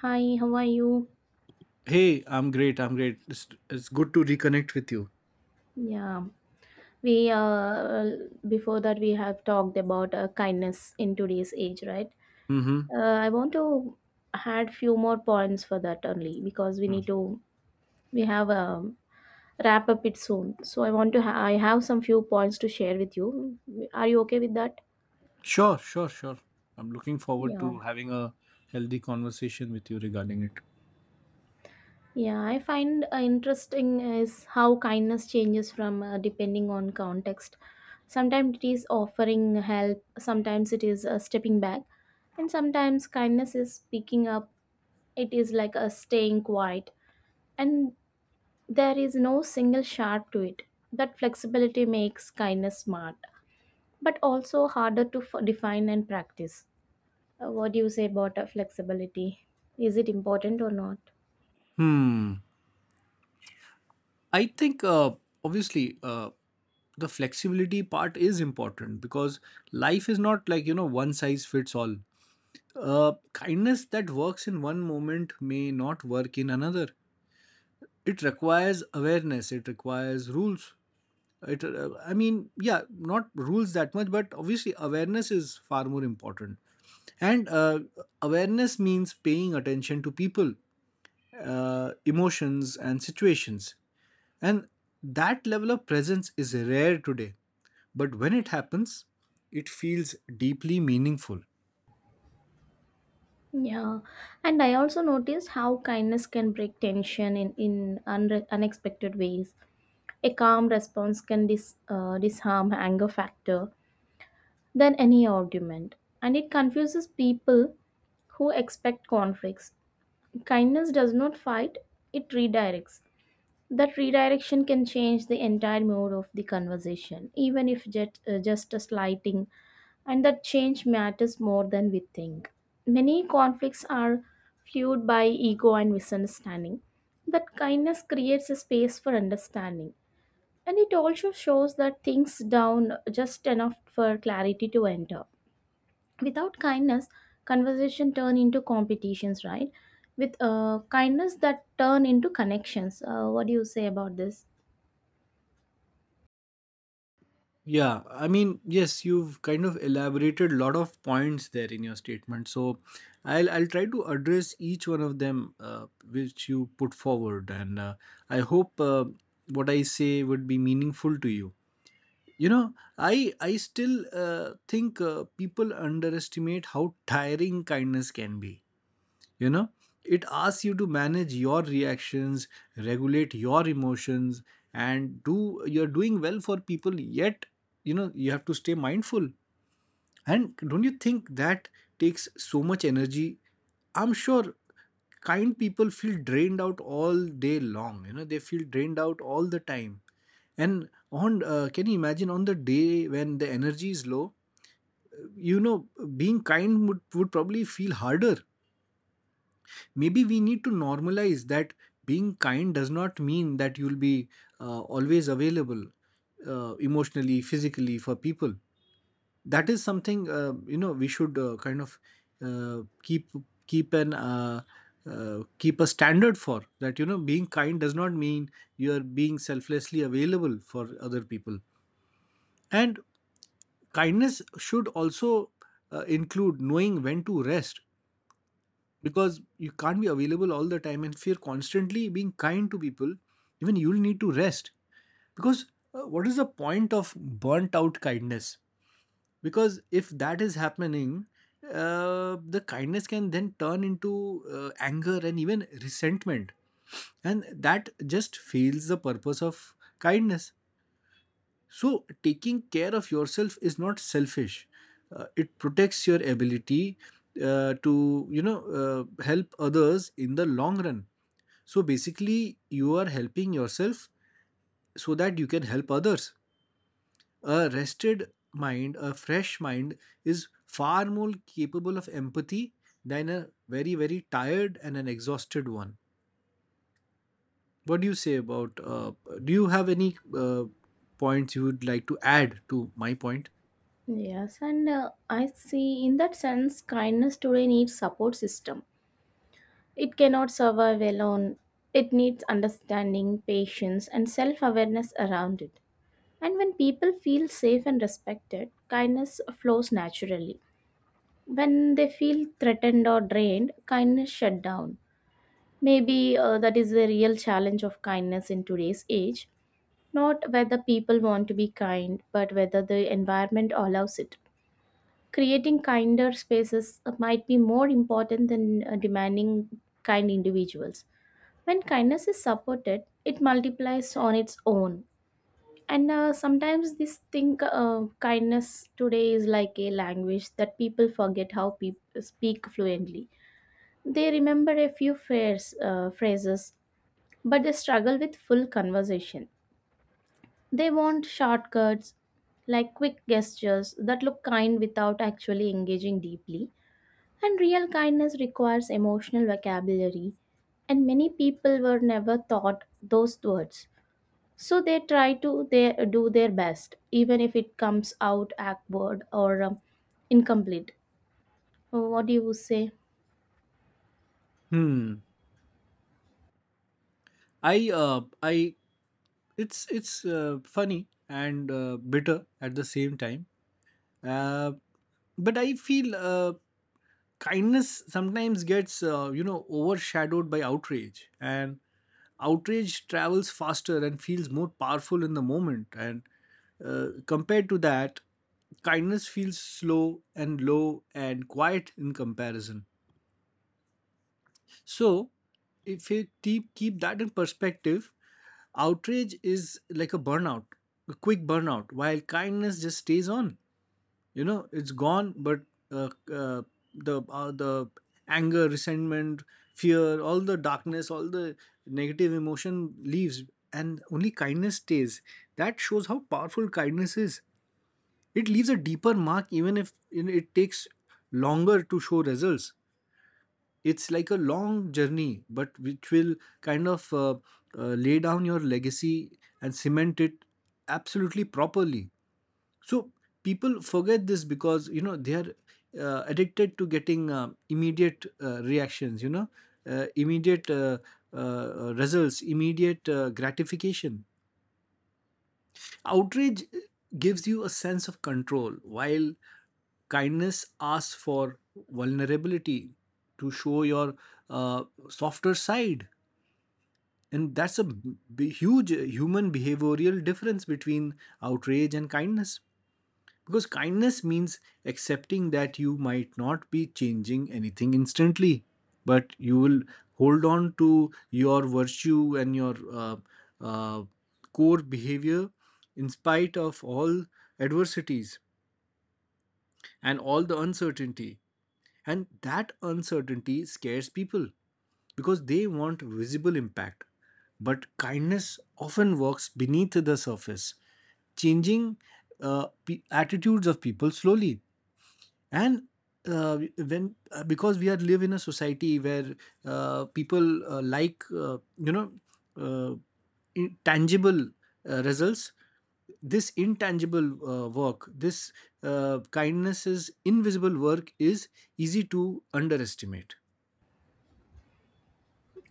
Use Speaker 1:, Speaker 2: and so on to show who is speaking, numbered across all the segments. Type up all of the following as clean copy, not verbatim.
Speaker 1: Hi, how are you?
Speaker 2: Hey, I'm great. I'm great. It's good to reconnect with you.
Speaker 1: Yeah, we before that we have talked about kindness in today's age, right?
Speaker 2: Mm-hmm.
Speaker 1: I want to add few more points for that only because we need to we have wrap up it soon. So I want to I have some few points to share with you. Are you okay with that?
Speaker 2: Sure, sure, sure. I'm looking forward
Speaker 1: Yeah.
Speaker 2: to having a healthy conversation with you regarding it.
Speaker 1: Yeah, I find interesting is how kindness changes from depending on context. Sometimes it is offering help, sometimes it is stepping back. And sometimes kindness is speaking up, it is like a staying quiet, and there is no single sharp to it. That flexibility makes kindness smart, but also harder to define and practice. What do you say about flexibility? Is it important or not?
Speaker 2: Hmm. I think obviously the flexibility part is important because life is not like, you know, one size fits all. Kindness that works in one moment may not work in another. It requires awareness, it requires rules. I mean, yeah, not rules that much, but obviously awareness is far more important. And Awareness means paying attention to people, emotions, and situations. And that level of presence is rare today. But when it happens, it feels deeply meaningful.
Speaker 1: Yeah, and I also noticed how kindness can break tension in unexpected ways. A calm response can disarm anger factor than any argument, and it confuses people who expect conflicts. Kindness does not fight, it redirects. That redirection can change the entire mood of the conversation, even if just a slighting, and that change matters more than we think. Many conflicts are fueled by ego and misunderstanding. But kindness creates a space for understanding, and it also shows that things down just enough for clarity to enter without kindness conversation turn into competitions, right? With kindness that turn into connections. What do you say about this?
Speaker 2: Yeah, I mean, yes, you've kind of elaborated a lot of points there in your statement. So, I'll try to address each one of them which you put forward, and I hope what I say would be meaningful to you. You know, I still think people underestimate how tiring kindness can be, you know. It asks you to manage your reactions, regulate your emotions, and do you're doing well for people. Yet, you know, you have to stay mindful, and don't you think that takes so much energy? I'm sure kind people feel drained out all day long. You know, they feel drained out all the time. And on can you imagine on the day when the energy is low, you know, being kind would probably feel harder. Maybe we need to normalize that being kind does not mean that you'll be always available, emotionally, physically for people. That is something, you know, we should kind of keep, keep an keep a standard for. That, you know, being kind does not mean you are being selflessly available for other people. And kindness should also include knowing when to rest, because you can't be available all the time. And if you're constantly being kind to people, even you'll need to rest, because what is the point of burnt out kindness? Because if that is happening, the kindness can then turn into anger and even resentment, and that just fails the purpose of kindness. So, taking care of yourself is not selfish. It protects your ability to, you know, help others in the long run. So, basically, you are helping yourself so that you can help others. A rested mind, a fresh mind, is far more capable of empathy than a very, very tired and an exhausted one. What do you say about? Do you have any points you would like to add to my point?
Speaker 1: Yes, and I see in that sense kindness today needs support system. It cannot survive alone. It needs understanding, patience, and self awareness around it, and when people feel safe and respected, kindness flows naturally. When they feel threatened or drained, kindness shut down. Maybe that is the real challenge of kindness in today's age. Not whether people want to be kind, but whether the environment allows it. Creating kinder spaces might be more important than demanding kind individuals. When kindness is supported, it multiplies on its own. And sometimes this thing, kindness today is like a language that people forget how people speak fluently. They remember a few phrases, but they struggle with full conversation. They want shortcuts, like quick gestures that look kind without actually engaging deeply. And real kindness requires emotional vocabulary, and many people were never taught those words. So they try to they do their best, even if it comes out awkward or incomplete. What do you say?
Speaker 2: Hmm. I it's funny and bitter at the same time. Uh, but I feel kindness sometimes gets you know overshadowed by outrage, and outrage travels faster and feels more powerful in the moment. And compared to that, kindness feels slow and low and quiet in comparison. So, if you keep that in perspective, outrage is like a burnout, a quick burnout, while kindness just stays on. You know, it's gone, but uh, uh, the anger, resentment, fear, all the darkness, all the negative emotion leaves, and only kindness stays. That shows how powerful kindness is. It leaves a deeper mark, even if, you know, it takes longer to show results. It's like a long journey, but which will kind of lay down your legacy and cement it absolutely properly. So people forget this because, you know, they are addicted to getting immediate reactions, you know, immediate results, immediate gratification. Outrage gives you a sense of control, while kindness asks for vulnerability, to show your softer side. And that's a huge human behavioral difference between outrage and kindness. Because kindness means accepting that you might not be changing anything instantly, but you will hold on to your virtue and your uh, core behavior in spite of all adversities and all the uncertainty. And that uncertainty scares people because they want visible impact. But kindness often works beneath the surface, changing attitudes of people slowly. And when Because we are live in a society where people like, uh, tangible results, this intangible work, this kindness, invisible work is easy to underestimate.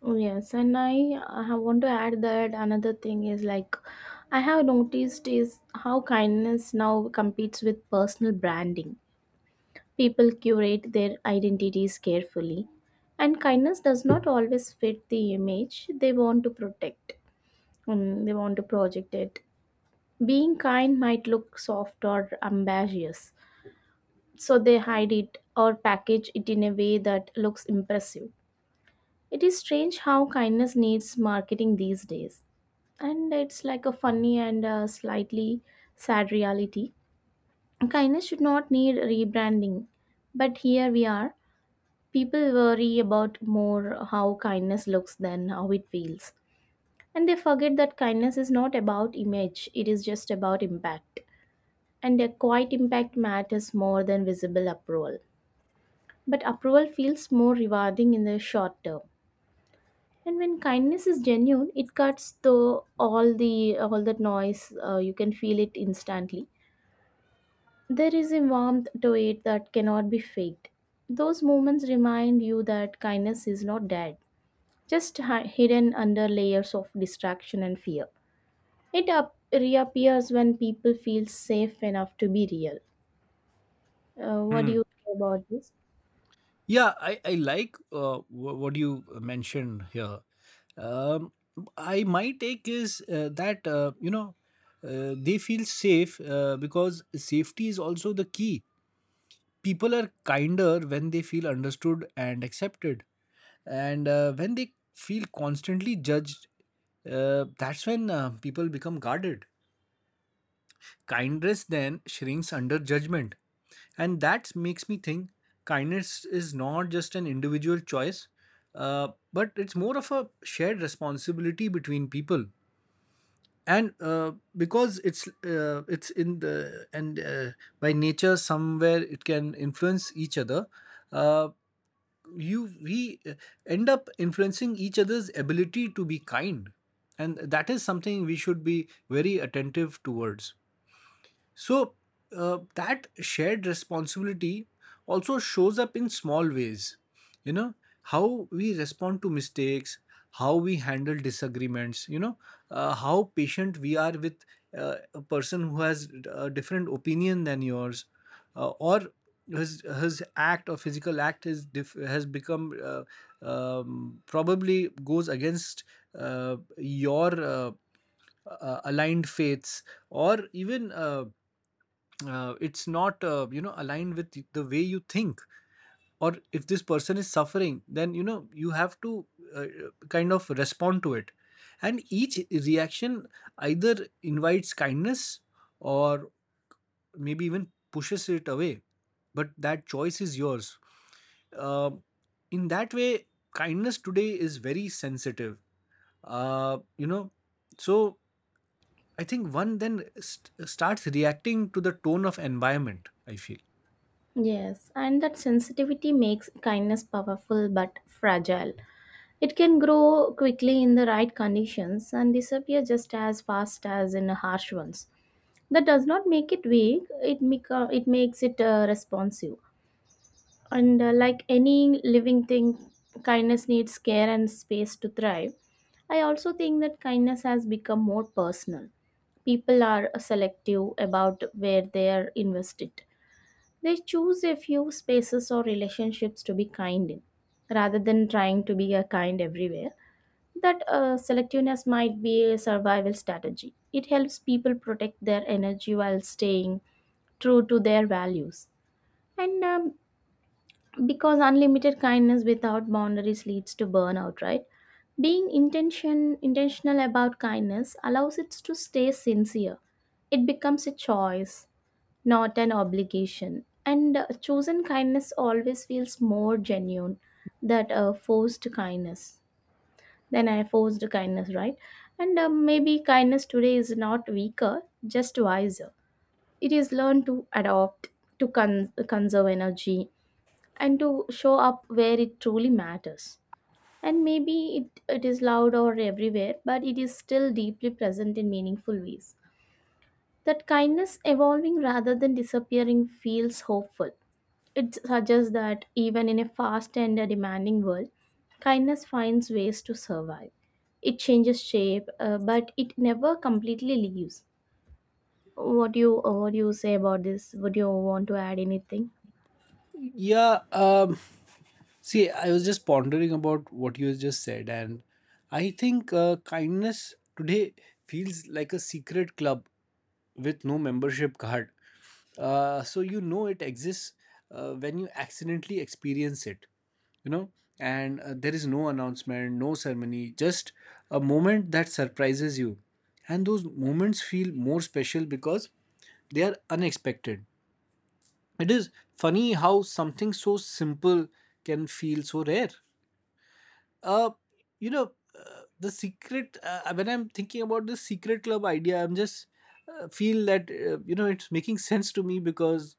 Speaker 1: Oh, yes, and I want to add that another thing is like I have noticed is how kindness now competes with personal branding. People curate their identities carefully, and kindness does not always fit the image they want to protect. They want to project it. Being kind might look soft or ambitious, so they hide it or package it in a way that looks impressive. It is strange how kindness needs marketing these days, and it's like a funny and slightly sad reality. Kindness should not need rebranding, but here we are. People worry about more how kindness looks than how it feels. And they forget that kindness is not about image, it is just about impact. And a quiet impact matters more than visible approval. But approval feels more rewarding in the short term. And when kindness is genuine, it cuts through all that noise. You can feel it instantly. There is a warmth to it that cannot be faked. Those moments remind you that kindness is not dead, just hidden under layers of distraction and fear. It reappears when people feel safe enough to be real. What do you think about this?
Speaker 2: Yeah, I like what you mentioned here. Um, I my take is that, you know, they feel safe because safety is also the key. People are kinder when they feel understood and accepted, and when they feel constantly judged, that's when people become guarded. Kindness then shrinks under judgment. And that makes me think kindness is not just an individual choice, but it's more of a shared responsibility between people. And because it's in the and By nature somewhere it can influence each other. Uh, you we end up influencing each other's ability to be kind, and that is something we should be very attentive towards. So, that shared responsibility also shows up in small ways. You know, how we respond to mistakes, how we handle disagreements, you know, how patient we are with a person who has a different opinion than yours, or his act or physical act is has become probably goes against your aligned faiths or even. It's not you know aligned with the way you think, or if this person is suffering, then you know you have to uh, kind of respond to it. And each reaction either invites kindness or maybe even pushes it away, but that choice is yours. Um, in that way, kindness today is very sensitive, uh, you know. So I think one then starts reacting to the tone of environment, I feel.
Speaker 1: Yes, and that sensitivity makes kindness powerful but fragile. It can grow quickly in the right conditions and disappear just as fast as in harsh ones. That does not make it weak, it it makes it responsive, and like any living thing, kindness needs care and space to thrive. I also think that kindness has become more personal. People are selective about where they are invested. They choose a few spaces or relationships to be kind in, rather than trying to be a kind everywhere. That selectiveness might be a survival strategy. It helps people protect their energy while staying true to their values. And because unlimited kindness without boundaries leads to burnout, right? Being intentional about kindness allows it to stay sincere. It becomes a choice, not an obligation. And chosen kindness always feels more genuine than forced kindness. Then I forced kindness, right? And maybe kindness today is not weaker, just wiser. It is learned to adopt, to conserve energy, and to show up where it truly matters. And maybe it is loud or everywhere, but it is still deeply present in meaningful ways. That kindness evolving rather than disappearing feels hopeful. It suggests that even in a fast and a demanding world, kindness finds ways to survive. It changes shape, but it never completely leaves. What do you say about this? Would you want to add anything?
Speaker 2: Yeah, see, I was just pondering about what you just said, and I think kindness today feels like a secret club with no membership card. So you know it exists when you accidentally experience it, you know. And there is no announcement, no ceremony, just a moment that surprises you. And those moments feel more special because they are unexpected. It is funny how something so simple can feel so rare. Uh, you know, the secret, when I'm thinking about the secret club idea, I'm just feel that, you know, it's making sense to me because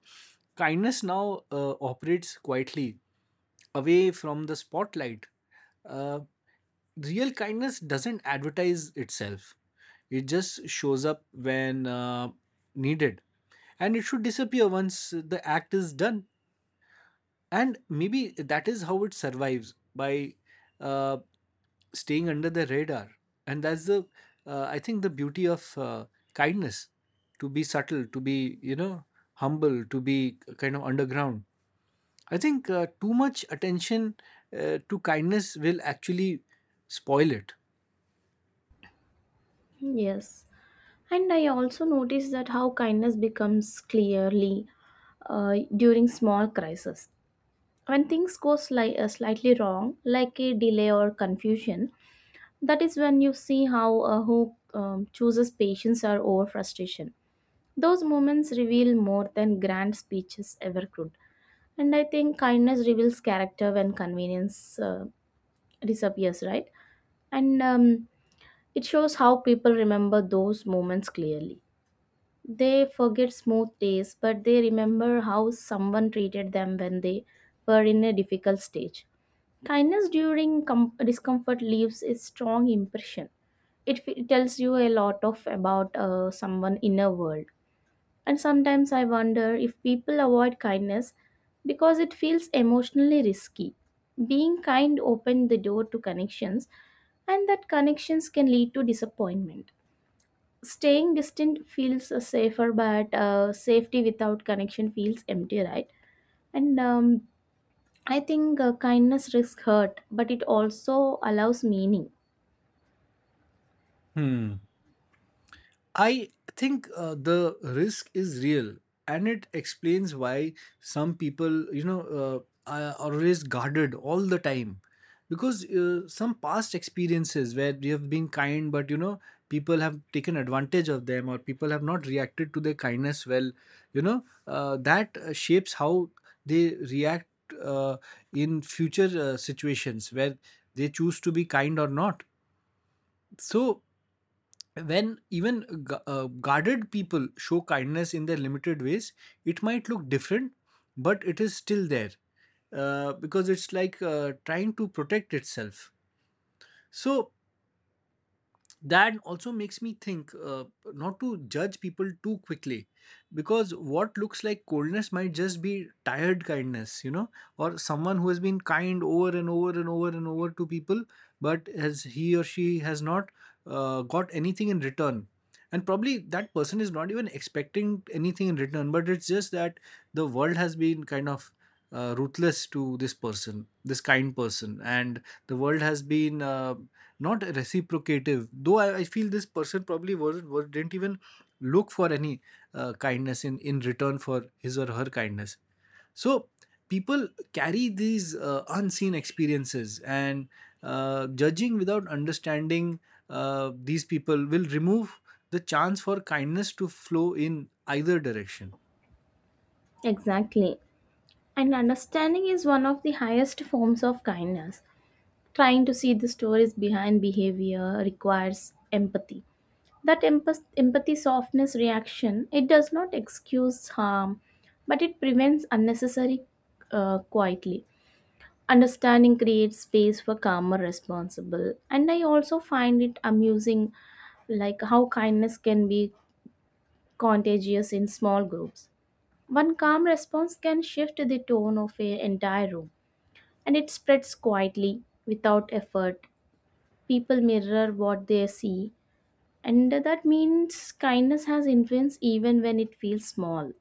Speaker 2: kindness now operates quietly away from the spotlight. Uh, Real kindness doesn't advertise itself, it just shows up when needed, and it should disappear once the act is done. And maybe that is how it survives, by uh, staying under the radar. And that's the I think the beauty of kindness, to be subtle, to be, you know, humble, to be kind of underground. I think too much attention to kindness will actually spoil it.
Speaker 1: Yes, and I also noticed that how kindness becomes clearly during small crises. When things go slightly wrong like a delay or confusion, that is when you see how who chooses patience or over frustration. Those moments reveal more than grand speeches ever could, and I think kindness reveals character when convenience disappears, right? And it shows how people remember those moments clearly. They forget smooth days, but they remember how someone treated them when they were in a difficult stage. Kindness during discomfort leaves a strong impression. It tells you a lot of about someone inner world. And sometimes I wonder if people avoid kindness because it feels emotionally risky. Being kind opened the door to connections, and that connections can lead to disappointment. Staying distant feels safer, but safety without connection feels empty, right? And I think kindness risks hurt, but it also allows meaning.
Speaker 2: Hmm. I think the risk is real, and it explains why some people, you know, are always guarded all the time, because some past experiences where we have been kind, but you know, people have taken advantage of them, or people have not reacted to their kindness well. You know, that shapes how they react uh, in future situations where they choose to be kind or not. So when even guarded people show kindness in their limited ways, it might look different, but it is still there, because it's like trying to protect itself. So that also makes me think not to judge people too quickly, because what looks like coldness might just be tired kindness, you know, or someone who has been kind over and over and over and over to people, but as he or she has not got anything in return. And probably that person is not even expecting anything in return, but it's just that the world has been kind of ruthless to this person, this kind person. And the world has been not reciprocative, though I feel this person probably wasn't was, didn't even look for any kindness in return for his or her kindness. So people carry these unseen experiences, and judging without understanding these people will remove the chance for kindness to flow in either direction.
Speaker 1: Exactly, and understanding is one of the highest forms of kindness. Trying to see the stories behind behavior requires empathy. That empathy softness reaction, it does not excuse harm, but it prevents unnecessary quietly. Understanding creates space for calmer responsible. And I also find it amusing like how kindness can be contagious in small groups. One calm response can shift the tone of an entire room, and it spreads quietly without effort. People mirror what they see, and that means kindness has influence even when it feels small.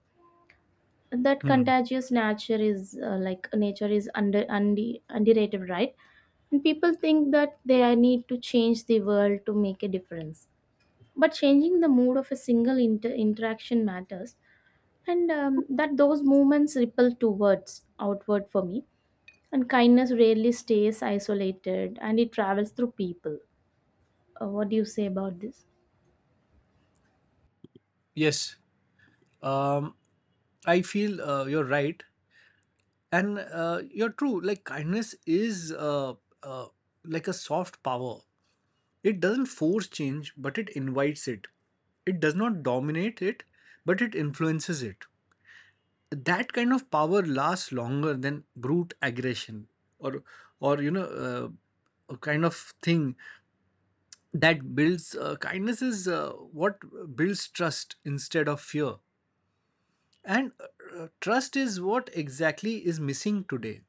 Speaker 1: That
Speaker 2: Hmm.
Speaker 1: contagious nature is like nature is underrated, right? And people think that they need to change the world to make a difference, but changing the mood of a single interaction matters. And that those movements ripple towards outward for me, and kindness rarely stays isolated and it travels through people. What do you say about this?
Speaker 2: Yes, um, I feel you're right, and you're true. Like, kindness is uh, like a soft power. It doesn't force change, but it invites it. It does not dominate it, but it influences it. That kind of power lasts longer than brute aggression. Or or you know A kind of thing that builds, kindness is what builds trust instead of fear. And Trust is what exactly is missing today.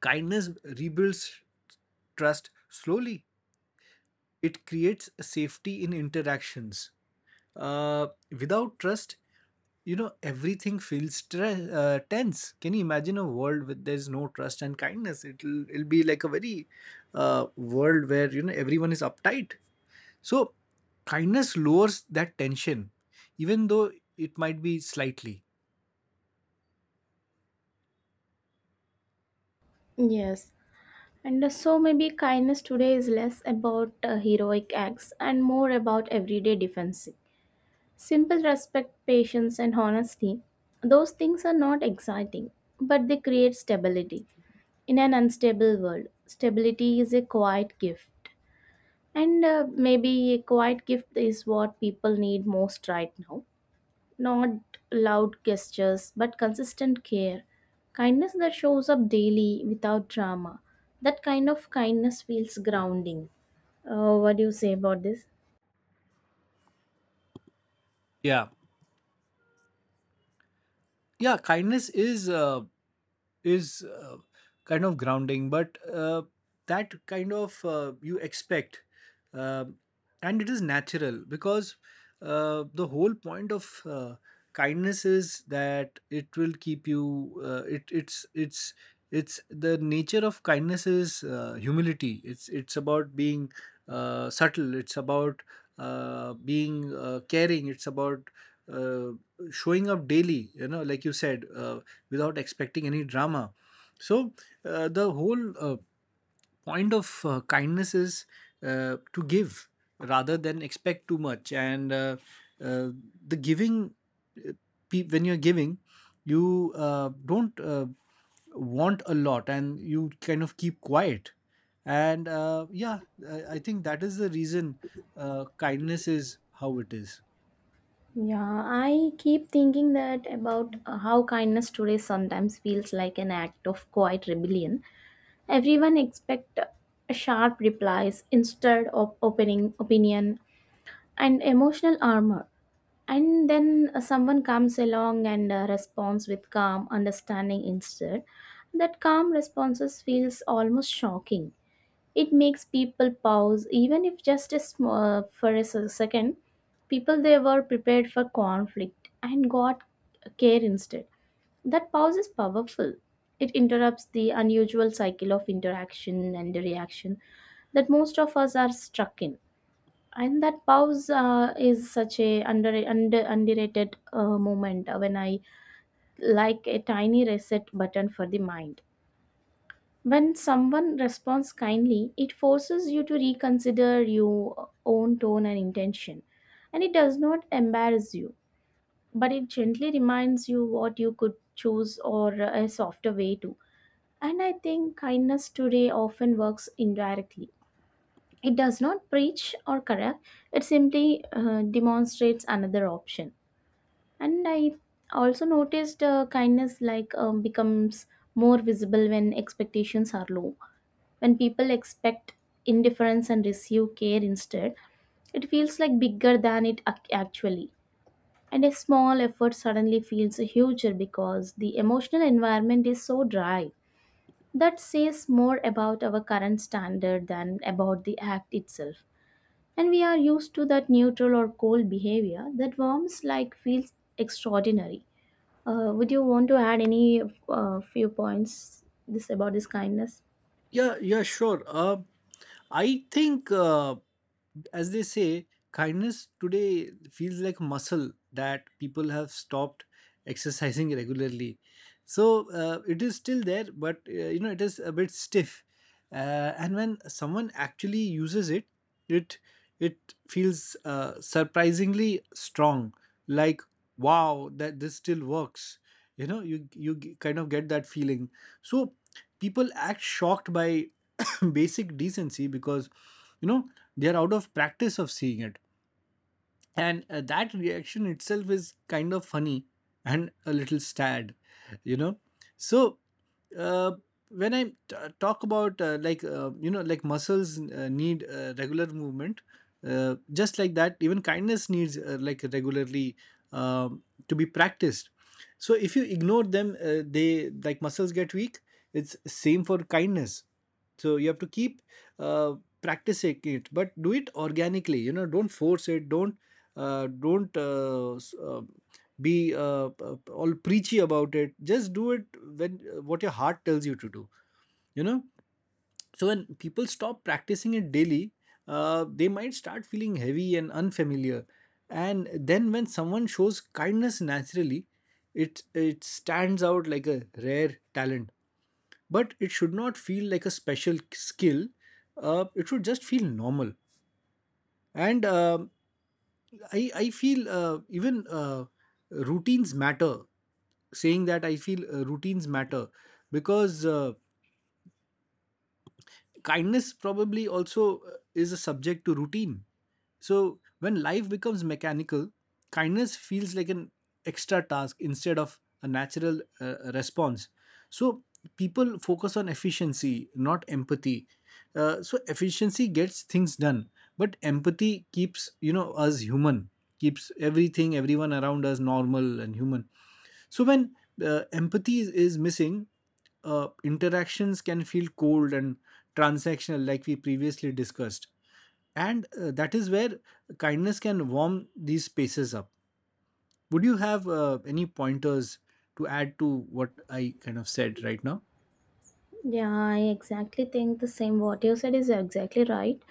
Speaker 2: Kindness rebuilds trust slowly. It creates safety in interactions. Uh, Without trust, you know, everything feels tense. Can you imagine a world where there's no trust and kindness? It'll be like a very world where, you know, everyone is uptight. So, kindness lowers that tension, even though it might be slightly.
Speaker 1: Yes. And so maybe kindness today is less about heroic acts and more about everyday defensive. Simple respect, patience, and honesty. Those things are not exciting, but they create stability in an unstable world. Stability is a quiet gift. And maybe a quiet gift is what people need most right now. Not loud gestures, but consistent care. Kindness that shows up daily without drama. That kind of kindness feels grounding. What do you say about this?
Speaker 2: Yeah. Yeah, kindness is is uh, kind of grounding, but that kind of you expect, Um and it is natural because the whole point of kindness is that it will keep you. It's it's the nature of kindness is humility. It's about being subtle. It's about being caring. It's about uh, showing up daily, you know, like you said, without expecting any drama. So the whole point of kindness is to give rather than expect too much. And uh, the giving, uh, when you're giving, you don't want a lot, and you kind of keep quiet. And Yeah, I think that is the reason kindness is how it is.
Speaker 1: Yeah, I keep thinking that about how kindness today sometimes feels like an act of quiet rebellion. Everyone expect sharp replies instead of opening opinion and emotional armor. And then someone comes along and responds with calm understanding instead. That calm responses feels almost shocking. It makes people pause, even if just a for a second. People they were prepared for conflict and got care instead. That pause is powerful. It interrupts the unusual cycle of interaction and reaction that most of us are stuck in. And that pause is such a underrated moment , when I. Like a tiny reset button for the mind. When someone responds kindly, it forces you to reconsider your own tone and intention, and it does not embarrass you, but it gently reminds you what you could choose or a softer way to. And I think kindness today often works indirectly. It does not preach or correct, it simply demonstrates another option. And I also noticed kindness like becomes more visible when expectations are low. When people expect indifference and receive care instead, it feels like bigger than it actually. And a small effort suddenly feels huger because the emotional environment is so dry. That says more about our current standard than about the act itself. And we are used to that neutral or cold behavior that warms like feels extraordinary. Would you want to add any few points this about this kindness?
Speaker 2: Yeah, yeah, sure. I think, as they say, kindness today feels like muscle that people have stopped exercising regularly. So it is still there, but you know, it is a bit stiff. And when someone actually uses it, it it feels surprisingly strong. Like, wow, that this still works. You know, kind of get that feeling. So people act shocked by basic decency because, you know, they are out of practice of seeing it. And That reaction itself is kind of funny and a little sad, you know. So uh, when talk about, like, you know, like muscles need regular movement, just like that, even kindness needs, like, regularly um, to be practiced. So if you ignore them, they, like muscles, get weak. It's same for kindness. So you have to keep uh, practicing it, but do it organically, you know. Don't force it, don't uh, don't uh, s- uh, be all preachy about it. Just do it when what your heart tells you to do, you know. So when people stop practicing it daily, they might start feeling heavy and unfamiliar. And then when someone shows kindness naturally, it stands out like a rare talent. But it should not feel like a special skill. It should just feel normal. And I feel even routines matter. Saying that, I feel routines matter because kindness probably also is a subject to routine. So when life becomes mechanical, kindness feels like an extra task instead of a natural response. So people focus on efficiency, not empathy. So efficiency gets things done, but empathy keeps, you know, us human, keeps everything, everyone around us normal and human. So when empathy is missing, interactions can feel cold and transactional, like we previously discussed. And That is where kindness can warm these spaces up. Would you have any pointers to add to what I kind of said right now?
Speaker 1: Yeah, I exactly think the same. What you said is exactly right.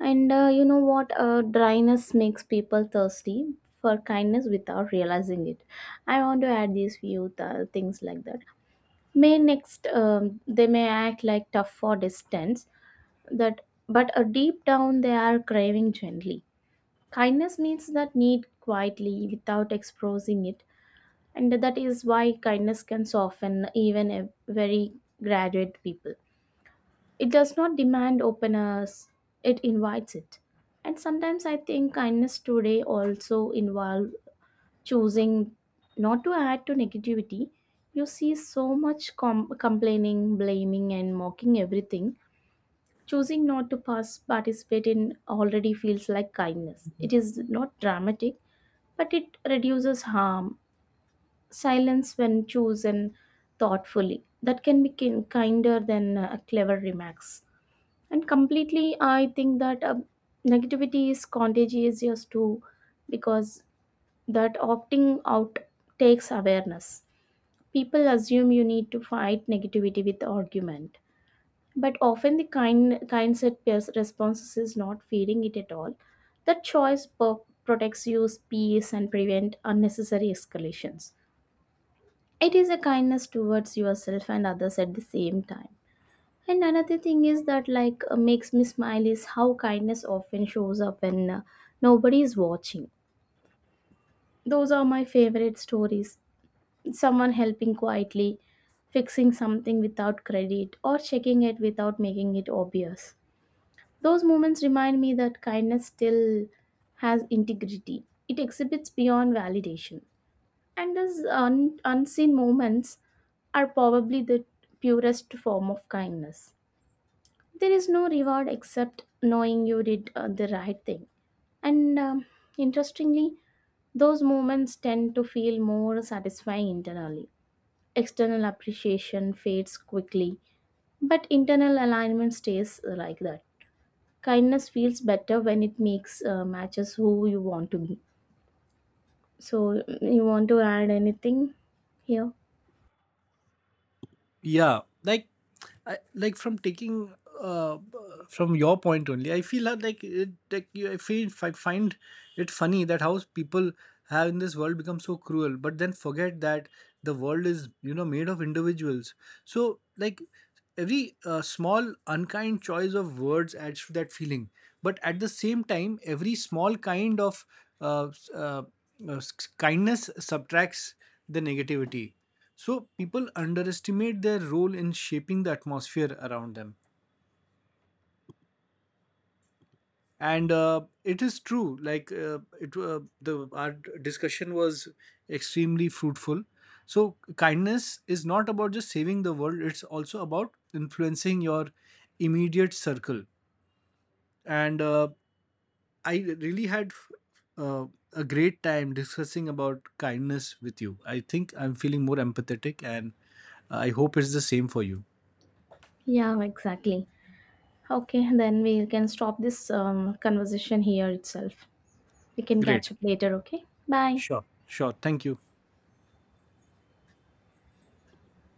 Speaker 1: And you know what, dryness makes people thirsty for kindness without realizing it. I want to add these few things like that. May next, they may act like tough or distant that, but deep down they are craving gently. Kindness meets that need quietly without exposing it, and that is why kindness can soften even a very graduate people. It does not demand openness, it invites it. And sometimes I think kindness today also involve choosing not to add to negativity. You see so much complaining, blaming, and mocking everything. Choosing not to pass, participate in already feels like kindness. It is not dramatic, but it reduces harm. Silence, when chosen thoughtfully, that can be kinder than clever remarks. And completely, I think that negativity is contagious, yes, too, because that opting out takes awareness. People assume you need to fight negativity with argument, but often the kind set responses is not feeding it at all. That choice protects your peace and prevent unnecessary escalations. It is a kindness towards yourself and others at the same time. And another thing is that like makes me smile is how kindness often shows up when nobody is watching. Those are my favorite stories. Someone helping quietly, fixing something without credit, or checking it without making it obvious. Those moments remind me that kindness still has integrity. It exhibits beyond validation. And those unseen moments are probably the purest form of kindness. There is no reward except knowing you did the right thing. And interestingly, those moments tend to feel more satisfying internally. External appreciation fades quickly, but internal alignment stays like that. Kindness feels better when it makes matches who you want to be. So you want to add anything here?
Speaker 2: Yeah, like, like from taking uh, from your point only, I feel that, like, I feel, I find it funny that how people have in this world become so cruel, but then forget that the world is, you know, made of individuals. So, like, every small unkind choice of words adds to that feeling. But at the same time, every small kind of uh, s- uh, uh, s- kindness subtracts the negativity. So people underestimate their role in shaping the atmosphere around them. And It is true, like, it the our discussion was extremely fruitful. So kindness is not about just saving the world, it's also about influencing your immediate circle. And I really had uh, a great time discussing about kindness with you. I think I'm feeling more empathetic, and I hope it's the same for you.
Speaker 1: Yeah, exactly. Okay, then we can stop this conversation here itself. We can
Speaker 2: Great.
Speaker 1: catch up later, okay? Bye.
Speaker 2: Sure, sure, thank you.